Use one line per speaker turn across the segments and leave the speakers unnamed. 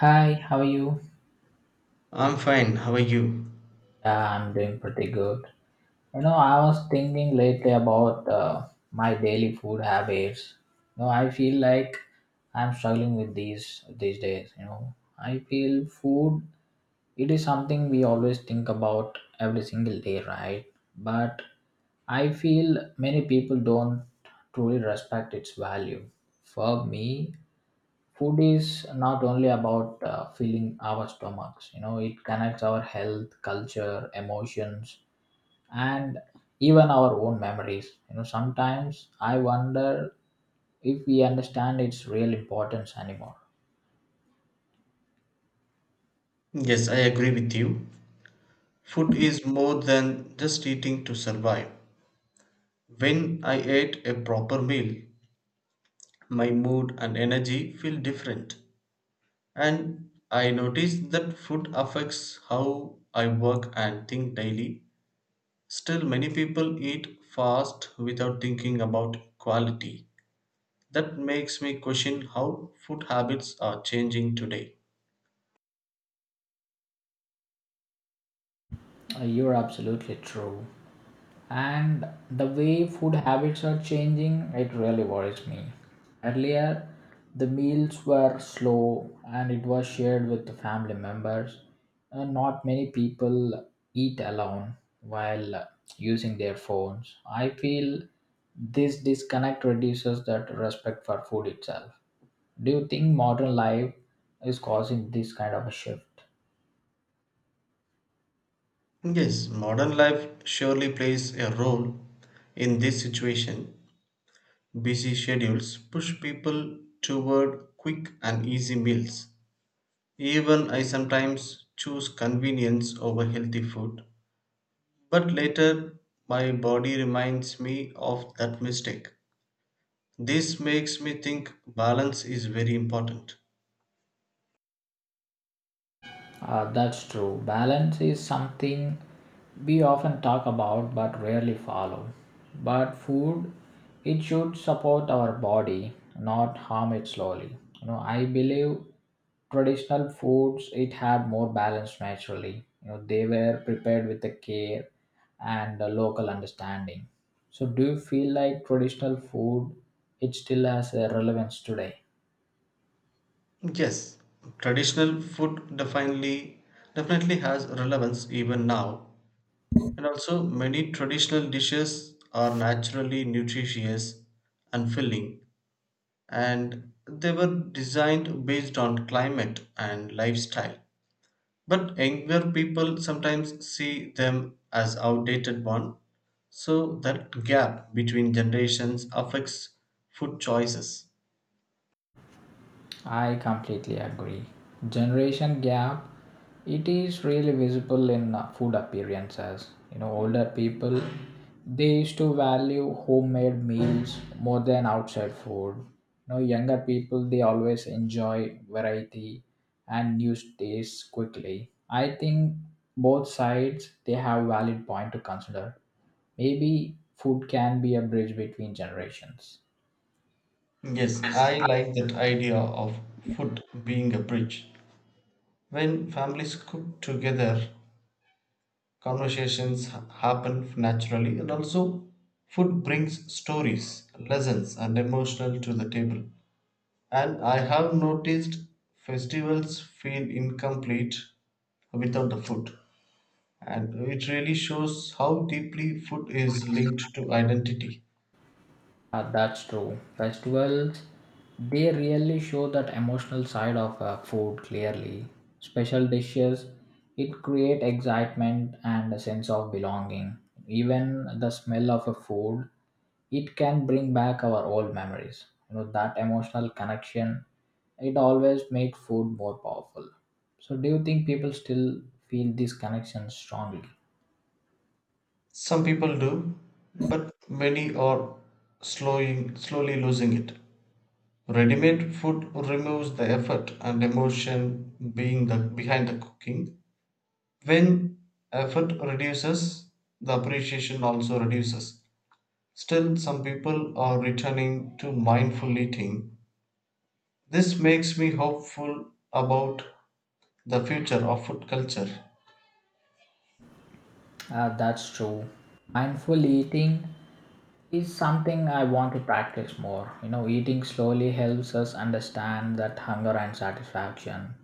Hi, how are you?
I'm fine, how are you?
Yeah, I'm doing pretty good. You know, I was thinking lately about my daily food habits. You know, I feel like I'm struggling with these days. You know, I feel food it is something we always think about every single day, right? But I feel many people don't truly respect its value. For me, food is not only about filling our stomachs, you know, it connects our health, culture, emotions, and even our own memories. You know, sometimes I wonder if we understand its real importance anymore.
Yes, I agree with you. Food is more than just eating to survive. When I ate a proper meal, my mood and energy feel different. And I noticed that food affects how I work and think daily. Still, many people eat fast without thinking about quality. That makes me question how food habits are changing today.
You're absolutely true, and the way food habits are changing, it really worries me. Earlier the meals were slow and it was shared with the family members. Not many people eat alone while using their phones. I feel this disconnect reduces that respect for food itself. Do you think modern life is causing this kind of a shift?
Yes, modern life surely plays a role in this situation. Busy schedules push people toward quick and easy meals. Even I sometimes choose convenience over healthy food. But later, my body reminds me of that mistake. This makes me think balance is very important.
That's true. Balance is something we often talk about but rarely follow. But food, it should support our body, not harm it slowly. You know, I believe traditional foods it had more balance naturally. You know, they were prepared with the care and the local understanding. So, do you feel like traditional food it still has a relevance today?
Yes, traditional food definitely has relevance even now. And also, many traditional dishes are naturally nutritious and filling, and they were designed based on climate and lifestyle. But younger people sometimes see them as outdated one, so that gap between generations affects food choices.
I completely agree. Generation gap, it is really visible in food appearances. You know, older people, they used to value homemade meals more than outside food. You know, younger people, they always enjoy variety and new tastes quickly. I think both sides, they have valid point to consider. Maybe food can be a bridge between generations.
Yes, I like that idea of food being a bridge. When families cook together, conversations happen naturally, and also food brings stories, lessons, and emotional to the table. And I have noticed festivals feel incomplete without the food, and it really shows how deeply food is linked to identity.
That's true. Festivals, they really show that emotional side of food clearly. Special dishes, it create excitement and a sense of belonging. Even the smell of a food, it can bring back our old memories. You know that emotional connection, it always makes food more powerful. So, do you think people still feel this connection strongly?
Some people do, but many are slowly losing it. Ready-made food removes the effort and emotion behind the cooking. When effort reduces, the appreciation also reduces. Still, some people are returning to mindful eating. This makes me hopeful about the future of food culture.
That's true. Mindful eating is something I want to practice more. You know, eating slowly helps us understand that hunger and satisfaction.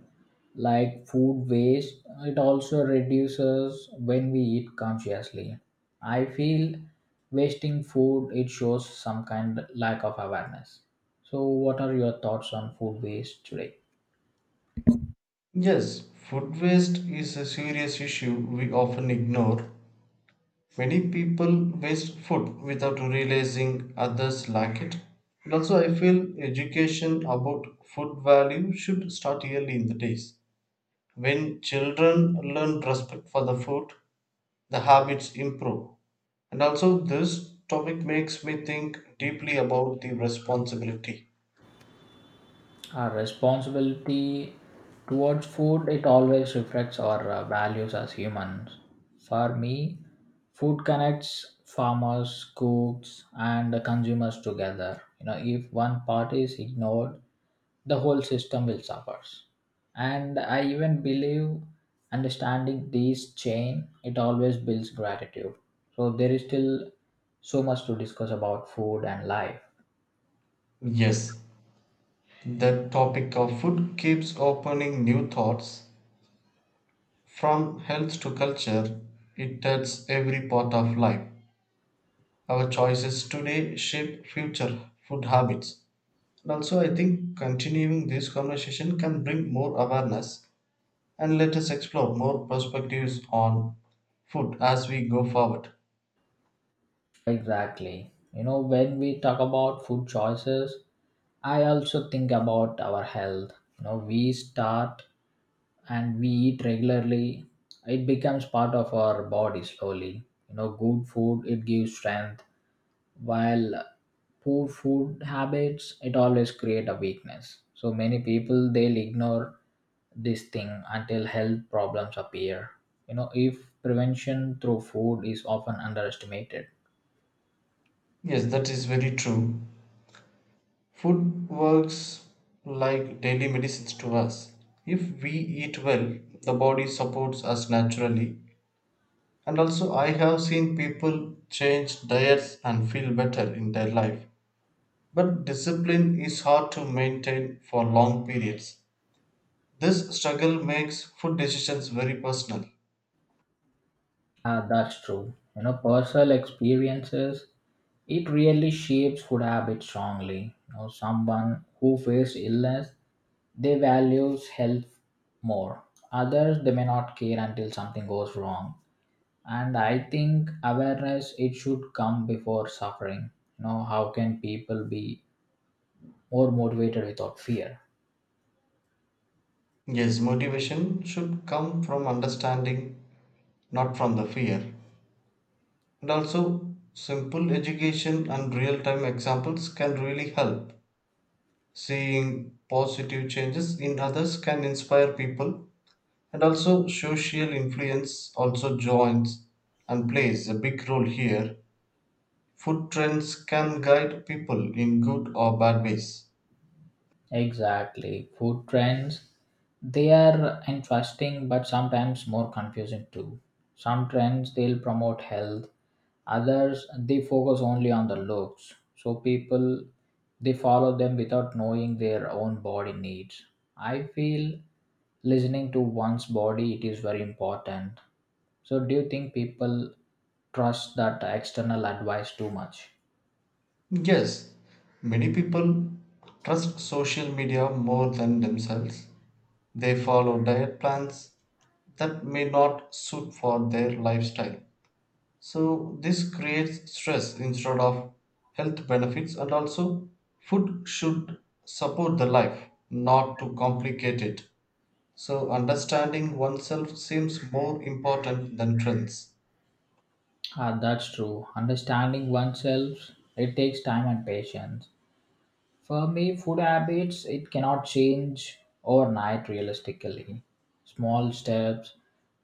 Like food waste, it also reduces when we eat consciously. I feel wasting food it shows some kind lack of awareness. So, what are your thoughts on food waste today?
Yes, food waste is a serious issue we often ignore. Many people waste food without realizing others lack it. And also, I feel education about food value should start early in the days. When children learn respect for the food, the habits improve. And also, this topic makes me think deeply about the responsibility.
Our responsibility towards food it always reflects our values as humans. For me, food connects farmers, cooks, and the consumers together. You know, if one part is ignored, the whole system will suffer. And I even believe understanding this chain it always builds gratitude. So there is still so much to discuss about food and life.
Yes, the topic of food keeps opening new thoughts. From health to culture, it touches every part of life. Our choices today shape future food habits. And also, I think continuing this conversation can bring more awareness and let us explore more perspectives on food as we go forward.
Exactly. You know, when we talk about food choices, I also think about our health. You know, we start and we eat regularly. It becomes part of our body slowly. You know, good food it gives strength, while poor food habits it always create a weakness. So many people they'll ignore this thing until health problems appear. You know, if prevention through food is often underestimated.
Yes, that is very true. Food works like daily medicines to us. If we eat well, the body supports us naturally. And also, I have seen people change diets and feel better in their life. But discipline is hard to maintain for long periods. This struggle makes food decisions very personal.
That's true. You know, personal experiences, it really shapes food habits strongly. You know, someone who faced illness, they values health more. Others, they may not care until something goes wrong. And I think awareness, it should come before suffering. You know, how can people be more motivated without fear?
Yes, motivation should come from understanding, not from the fear. And also, simple education and real time examples can really help. Seeing positive changes in others can inspire people, and also, social influence also joins and plays a big role here. Food trends can guide people in good or bad ways.
Exactly. Food trends, they are interesting but sometimes more confusing too. Some trends they'll promote health, others they focus only on the looks. So people they follow them without knowing their own body needs. I feel listening to one's body it is very important. So do you think people trust that external advice too much?
Yes, many people trust social media more than themselves. They follow diet plans that may not suit for their lifestyle, so this creates stress instead of health benefits. And also, food should support the life, not to complicate it. So understanding oneself seems more important than trends.
Ah, that's true. Understanding oneself, it takes time and patience. For me, food habits, it cannot change overnight realistically. Small steps,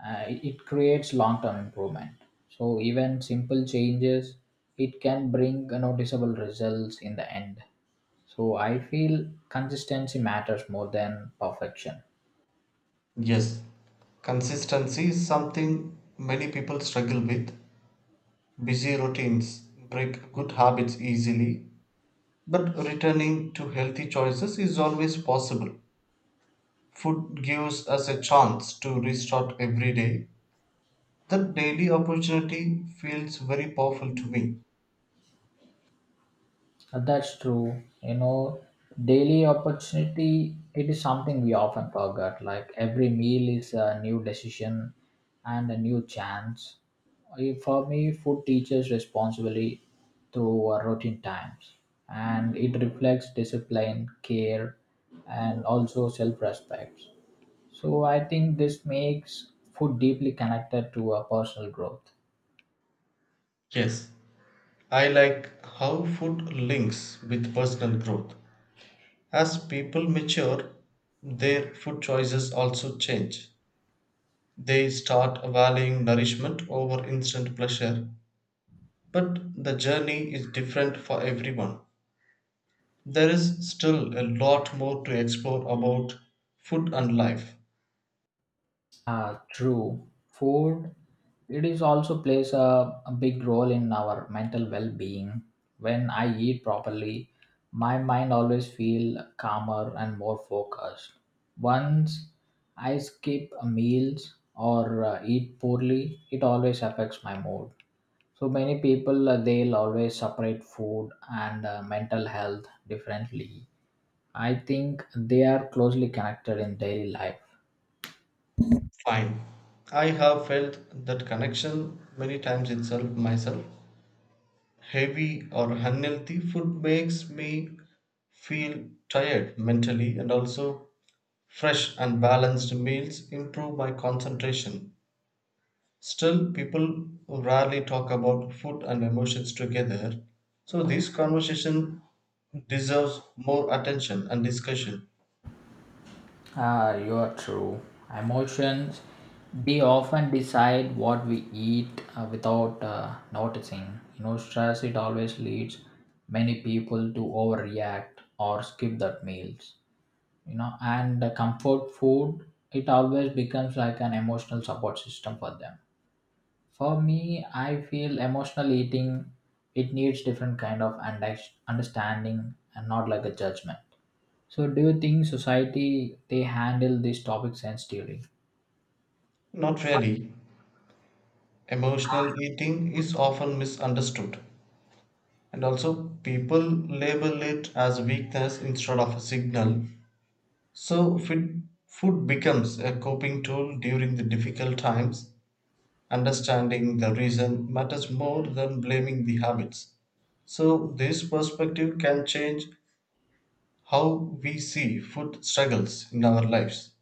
it creates long-term improvement. So even simple changes, it can bring noticeable results in the end. So I feel consistency matters more than perfection.
Yes, consistency is something many people struggle with. Busy routines break good habits easily, but returning to healthy choices is always possible. Food gives us a chance to restart every day. That daily opportunity feels very powerful to me.
That's true. You know, daily opportunity, it is something we often forget. Like every meal is a new decision and a new chance. For me, food teaches responsibility through routine times, and it reflects discipline, care, and also self respect. So I think this makes food deeply connected to our personal growth.
Yes, I like how food links with personal growth. As people mature, their food choices also change. They start valuing nourishment over instant pleasure, but the journey is different for everyone. There is still a lot more to explore about food and life.
True. Food, it is also plays a big role in our mental well-being. When I eat properly, my mind always feel calmer and more focused. Once I skip a meals or eat poorly, it always affects my mood. So many people they'll always separate food and mental health differently. I think they are closely connected in daily life.
Fine. I have felt that connection many times itself myself. Heavy or unhealthy food makes me feel tired mentally, and also fresh and balanced meals improve my concentration. Still, people rarely talk about food and emotions together. So this conversation deserves more attention and discussion.
Ah, you are true. Emotions, they often decide what we eat without noticing. You know, stress, it always leads many people to overreact or skip that meals. You know, and the comfort food, it always becomes like an emotional support system for them. For me, I feel emotional eating, it needs different kind of understanding and not like a judgment. So, do you think society they handle these topics sensitively?
Not really. Emotional eating is often misunderstood, and also people label it as weakness instead of a signal. So food becomes a coping tool during the difficult times. Understanding the reason matters more than blaming the habits. So this perspective can change how we see food struggles in our lives.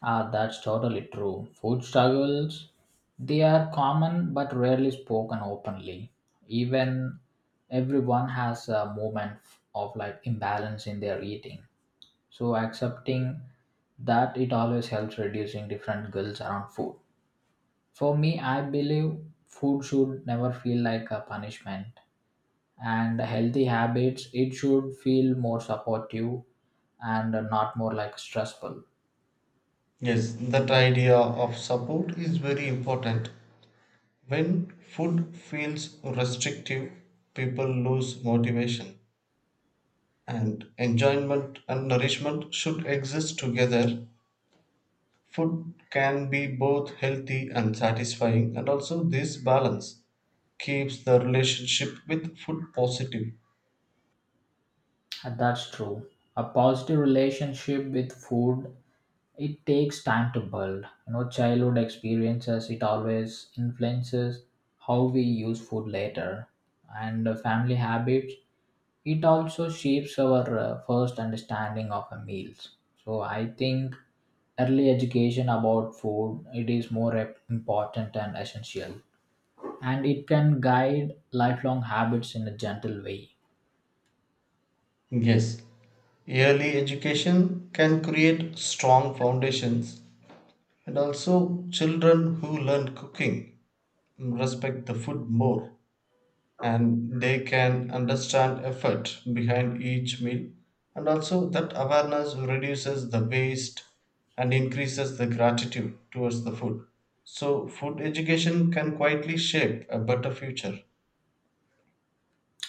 Ah, that's totally true. Food struggles they are common but rarely spoken openly. Even everyone has a moment of like imbalance in their eating. So, accepting that it always helps reducing different guilt around food. For me, I believe food should never feel like a punishment. And healthy habits it should feel more supportive and not more like stressful.
Yes, that idea of support is very important. When food feels restrictive, people lose motivation, and enjoyment and nourishment should exist together. Food can be both healthy and satisfying, and also this balance keeps the relationship with food positive.
That's true. A positive relationship with food it takes time to build. You know, childhood experiences it always influences how we use food later. And family habits it also shapes our first understanding of a meals. So I think early education about food it is more important and essential, and it can guide lifelong habits in a gentle way.
Yes, early education can create strong foundations, and also children who learn cooking respect the food more, and they can understand effort behind each meal. And also, that awareness reduces the waste and increases the gratitude towards the food. So food education can quietly shape a better future.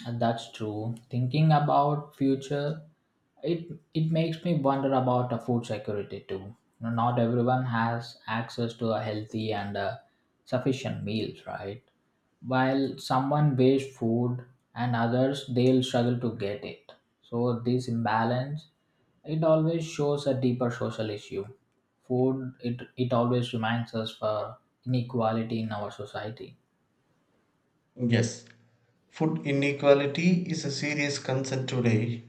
And that's true. Thinking about future, it makes me wonder about a food security too. You know, not everyone has access to a healthy and sufficient meals, right? While someone waste food and others they'll struggle to get it. So this imbalance it always shows a deeper social issue. Food it always reminds us for inequality in our society.
Yes, food inequality is a serious concern today.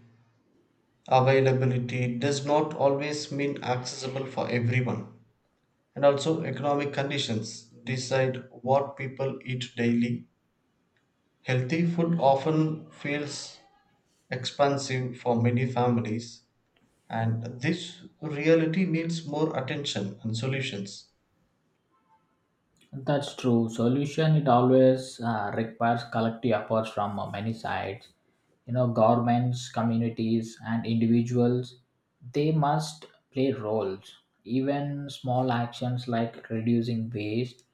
Availability does not always mean accessible for everyone, and also economic conditions decide what people eat daily. Healthy food often feels expensive for many families, and this reality needs more attention and solutions.
That's true. Solution it always requires collective efforts from many sides. You know, governments, communities, and individuals. They must play roles. Even small actions like reducing waste,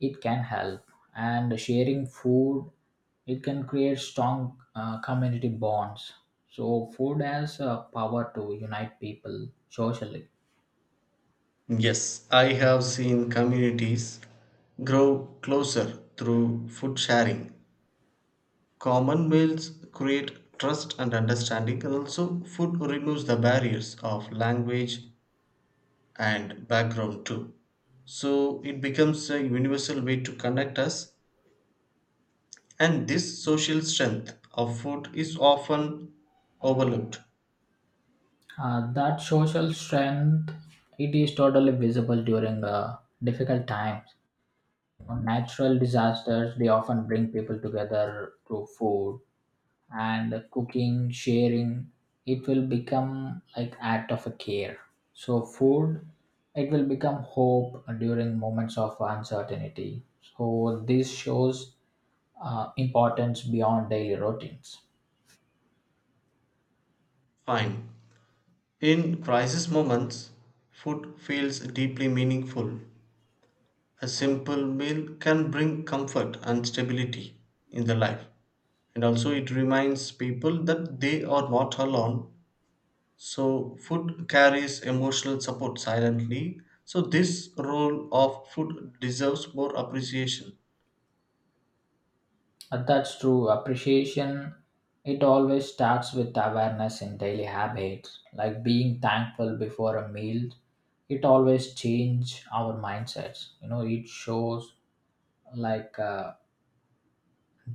it can help. And sharing food, it can create strong community bonds. So food has a power to unite people socially.
Yes, I have seen communities grow closer through food sharing. Common meals create trust and understanding, and also, food removes the barriers of language and background too. So, it becomes a universal way to connect us. And this social strength of food is often overlooked.
That social strength, it is totally visible during difficult times. Natural disasters, they often bring people together through food and cooking, sharing. It will become like act of a care. So food, it will become hope during moments of uncertainty. So this shows importance beyond daily routines.
Fine. In crisis moments, food feels deeply meaningful. A simple meal can bring comfort and stability in the life. And also, it reminds people that they are not alone. So, food carries emotional support silently. So, this role of food deserves more appreciation.
That's true. Appreciation, it always starts with awareness in daily habits, like being thankful before a meal. It always change our mindsets. You know, it shows like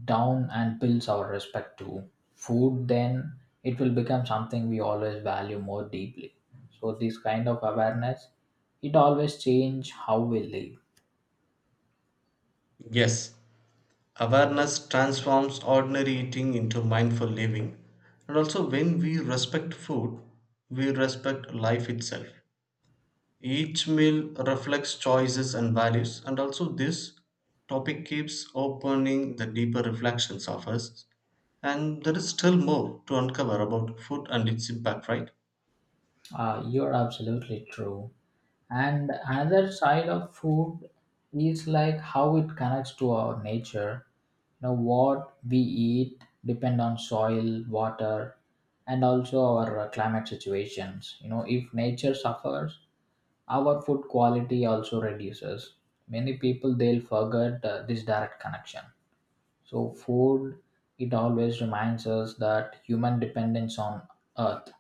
down and builds our respect to food. Then it will become something we always value more deeply. So this kind of awareness, it always change how we live.
Yes, awareness transforms ordinary eating into mindful living. And also, when we respect food, we respect life itself. Each meal reflects choices and values, and also, this topic keeps opening the deeper reflections of us. And there is still more to uncover about food and its impact, right?
You're absolutely true. And another side of food is like how it connects to our nature. You know, what we eat depend on soil, water, and also our climate situations. You know, if nature suffers, our food quality also reduces. Many people they'll forget this direct connection. So food, it always reminds us that human dependence on earth.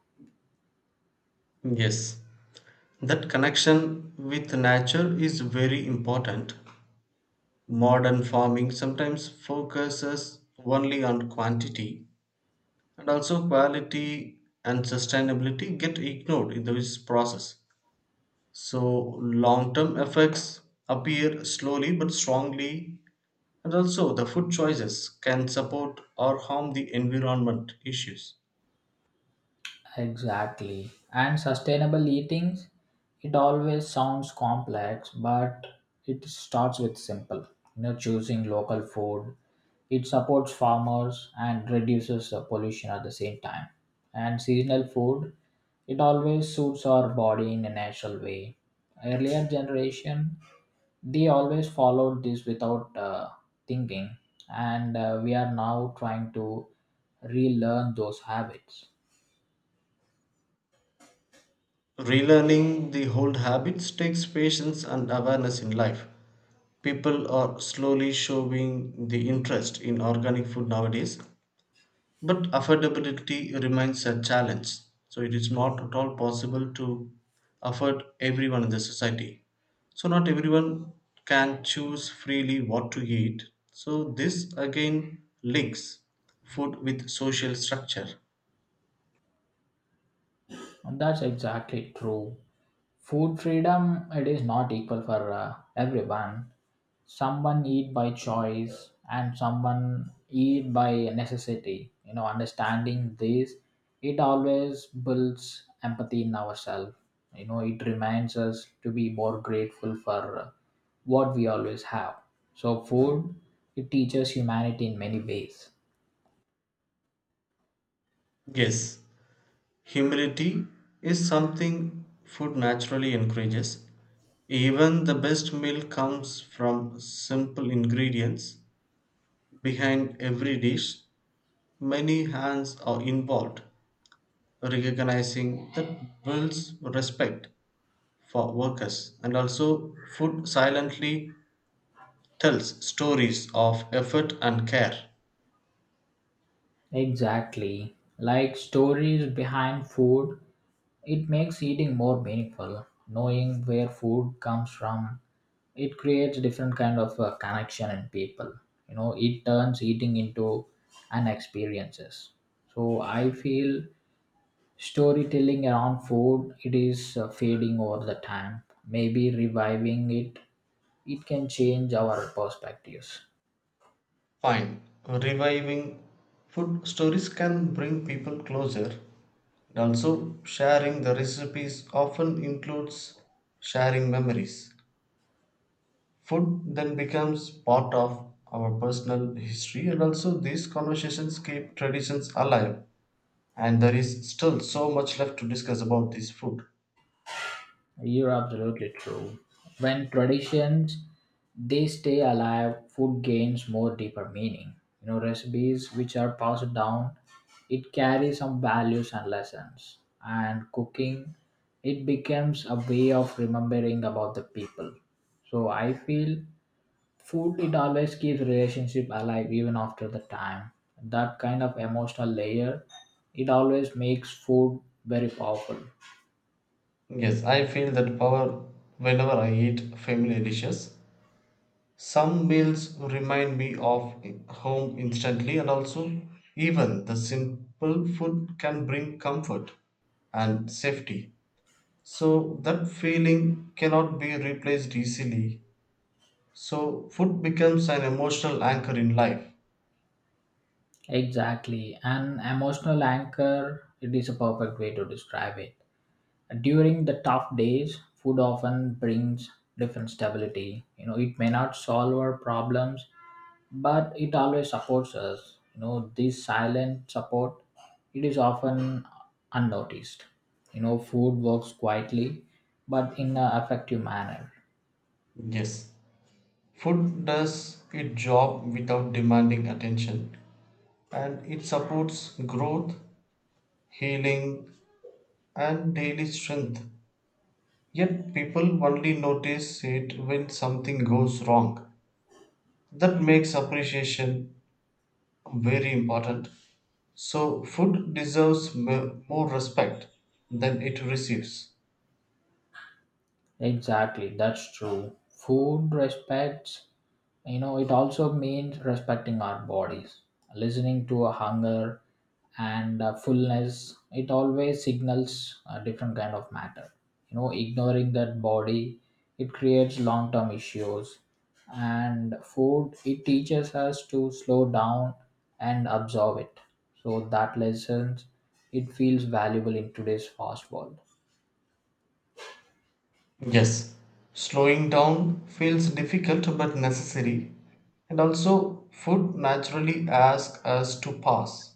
Yes, that connection with nature is very important. Modern farming sometimes focuses only on quantity, and also quality and sustainability get ignored in this process. So long term effects appear slowly but strongly, and also the food choices can support or harm the environment issues.
Exactly. And sustainable eating, it always sounds complex, but it starts with simple. You know, choosing local food, it supports farmers and reduces the pollution at the same time. And seasonal food, it always suits our body in a natural way. Earlier generation, they always followed this without thinking, and we are now trying to relearn those habits.
Relearning the old habits takes patience and awareness in life. People are slowly showing the interest in organic food nowadays, but affordability remains a challenge. So it is not at all possible to afford everyone in the society. So not everyone can choose freely what to eat. So this again links food with social structure.
And that's exactly true. Food freedom it is not equal for everyone. Someone eat by choice and someone eat by necessity. You know, understanding this, it always builds empathy in ourselves. You know, it reminds us to be more grateful for what we always have. So, food it teaches humanity in many ways.
Yes, humility is something food naturally encourages. Even the best meal comes from simple ingredients. Behind every dish many hands are involved. Recognizing that builds respect for workers, and also food silently tells stories of effort and care.
Exactly. Like stories behind food, it makes eating more meaningful. Knowing where food comes from, it creates different kind of connection in people. You know, it turns eating into an experiences. So I feel storytelling around food, it is fading over the time. Maybe reviving it, it can change our perspectives.
Fine, reviving food stories can bring people closer, and also sharing the recipes often includes sharing memories. Food then becomes part of our personal history, and also these conversations keep traditions alive. And there is still so much left to discuss about this food.
You're absolutely true. When traditions they stay alive, food gains more deeper meaning. You know, recipes which are passed down, it carries some values and lessons. And cooking, it becomes a way of remembering about the people. So I feel food it always keeps relationship alive even after the time. That kind of emotional layer, it always makes food very powerful.
Yes, I feel that power whenever I eat familiar dishes. Some meals remind me of home instantly, and also, even the simple food can bring comfort and safety. So, that feeling cannot be replaced easily. So, food becomes an emotional anchor in life.
Exactly. An emotional anchor, it is a perfect way to describe it. During the tough days, food often brings different stability. You know, it may not solve our problems, but it always supports us. You know, this silent support, it is often unnoticed. You know, food works quietly, but in an effective manner.
Yes, food does its job without demanding attention, and it supports growth, healing, and daily strength. Yet people only notice it when something goes wrong. That makes appreciation very important. So, food deserves more respect than it receives.
Exactly, that's true. Food respects, you know, it also means respecting our bodies, listening to a hunger and fullness. It always signals a different kind of matter. You know, ignoring that body, it creates long term issues. And food, it teaches us to slow down and absorb it. So that lessons, it feels valuable in today's fast world.
Yes, slowing down feels difficult but necessary, and also, food naturally asks us to pause.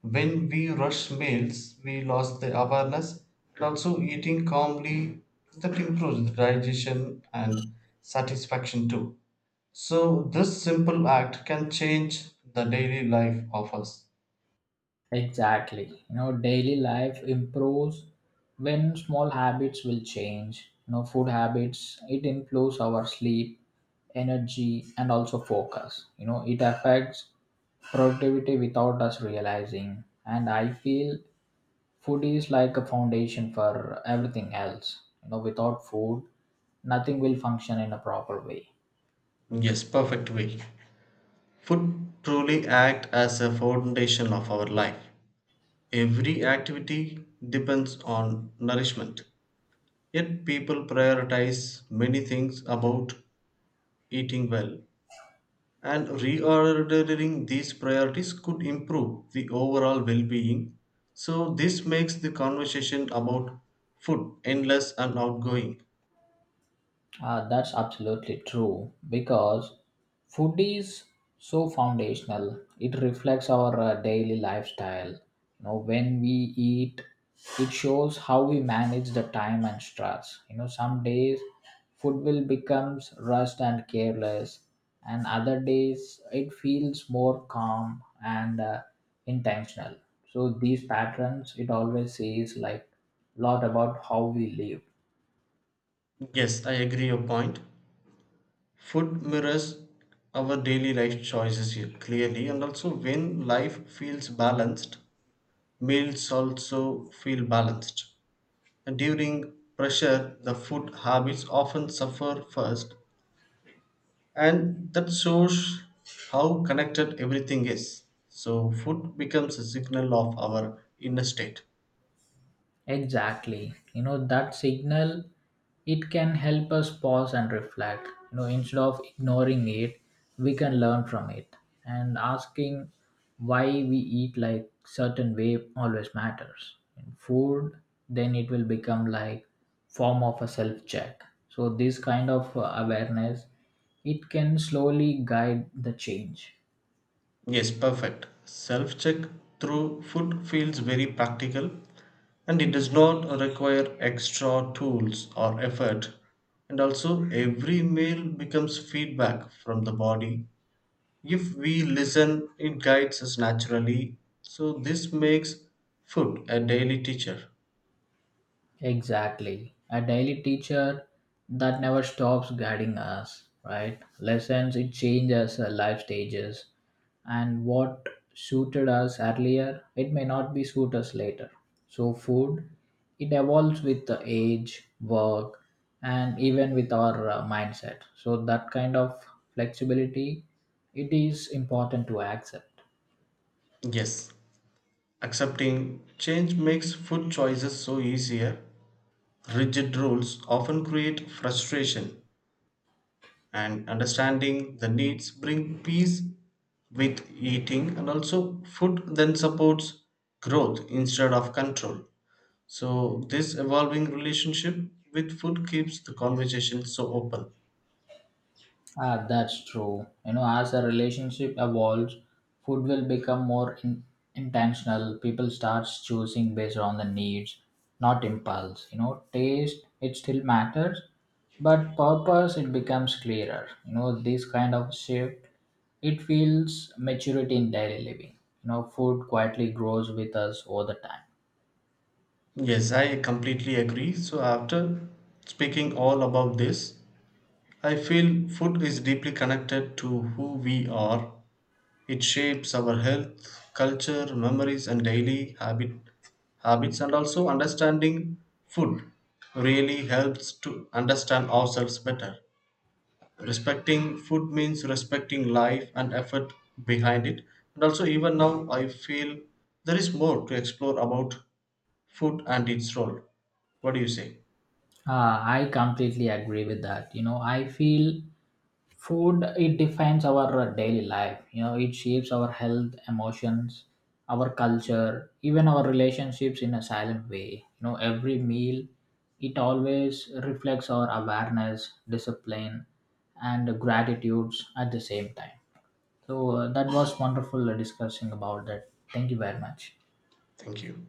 When we rush meals, we lose the awareness, and also eating calmly, that improves the digestion and satisfaction too. So, this simple act can change the daily life of us.
Exactly. You know, daily life improves when small habits will change. You know, food habits, it improves our sleep, energy, and also focus. You know, it affects productivity without us realizing. And I feel food is like a foundation for everything else. You know, without food, nothing will function in a proper way.
Yes, perfect way. Food truly act as a foundation of our life. Every activity depends on nourishment. Yet people prioritize many things about eating well. And reordering these priorities could improve the overall well being. So, this makes the conversation about food endless and outgoing.
That's absolutely true because food is so foundational. It reflects our daily lifestyle. You know, when we eat, it shows how we manage the time and stress. You know, some days food will becomes rushed and careless, and other days it feels more calm and intentional. So these patterns, it always says like lot about how we live.
Yes, I agree your point. Food mirrors our daily life choices here clearly, and also when life feels balanced, meals also feel balanced. And during pressure, the food habits often suffer first, and that shows how connected everything is. So food becomes a signal of our inner state.
Exactly. You know, that signal, it can help us pause and reflect. You know, instead of ignoring it, we can learn from it. And asking why we eat like certain way always matters. In food, then it will become like form of a self check. So this kind of awareness, it can slowly guide the change.
Yes, perfect self check through food feels very practical, and it does not require extra tools or effort. And also every meal becomes feedback from the body. If we listen, it guides us naturally. So this makes food a daily teacher.
Exactly. A daily teacher that never stops guiding us, right? Lessons, it changes our life stages. And what suited us earlier, it may not be suit us later. So food, it evolves with the age, work, and even with our mindset. So that kind of flexibility, it is important to accept.
Yes, accepting change makes food choices so easier. Rigid rules often create frustration, and understanding the needs bring peace with eating, and also food then supports growth instead of control. So this evolving relationship with food keeps the conversation so open.
Ah, that's true. You know, as a relationship evolves, food will become more intentional. People start choosing based on the needs, not impulse. You know, taste it still matters, but purpose it becomes clearer. You know, this kind of shift it feels maturity in daily living. You know, food quietly grows with us all the time.
Yes, I completely agree. So after speaking all about this, I feel food is deeply connected to who we are. It shapes our health, culture, memories, and daily habits, and also understanding food really helps to understand ourselves better. Respecting food means respecting life and effort behind it. And also, even now, I feel there is more to explore about food and its role. What do you say?
Ah, I completely agree with that. You know, I feel food it defines our daily life. You know, it shapes our health, emotions, our culture, even our relationships in a silent way. You know, every meal it always reflects our awareness, discipline, and gratitudes at the same time. So that was wonderful discussing about that. Thank you very much.
Thank you.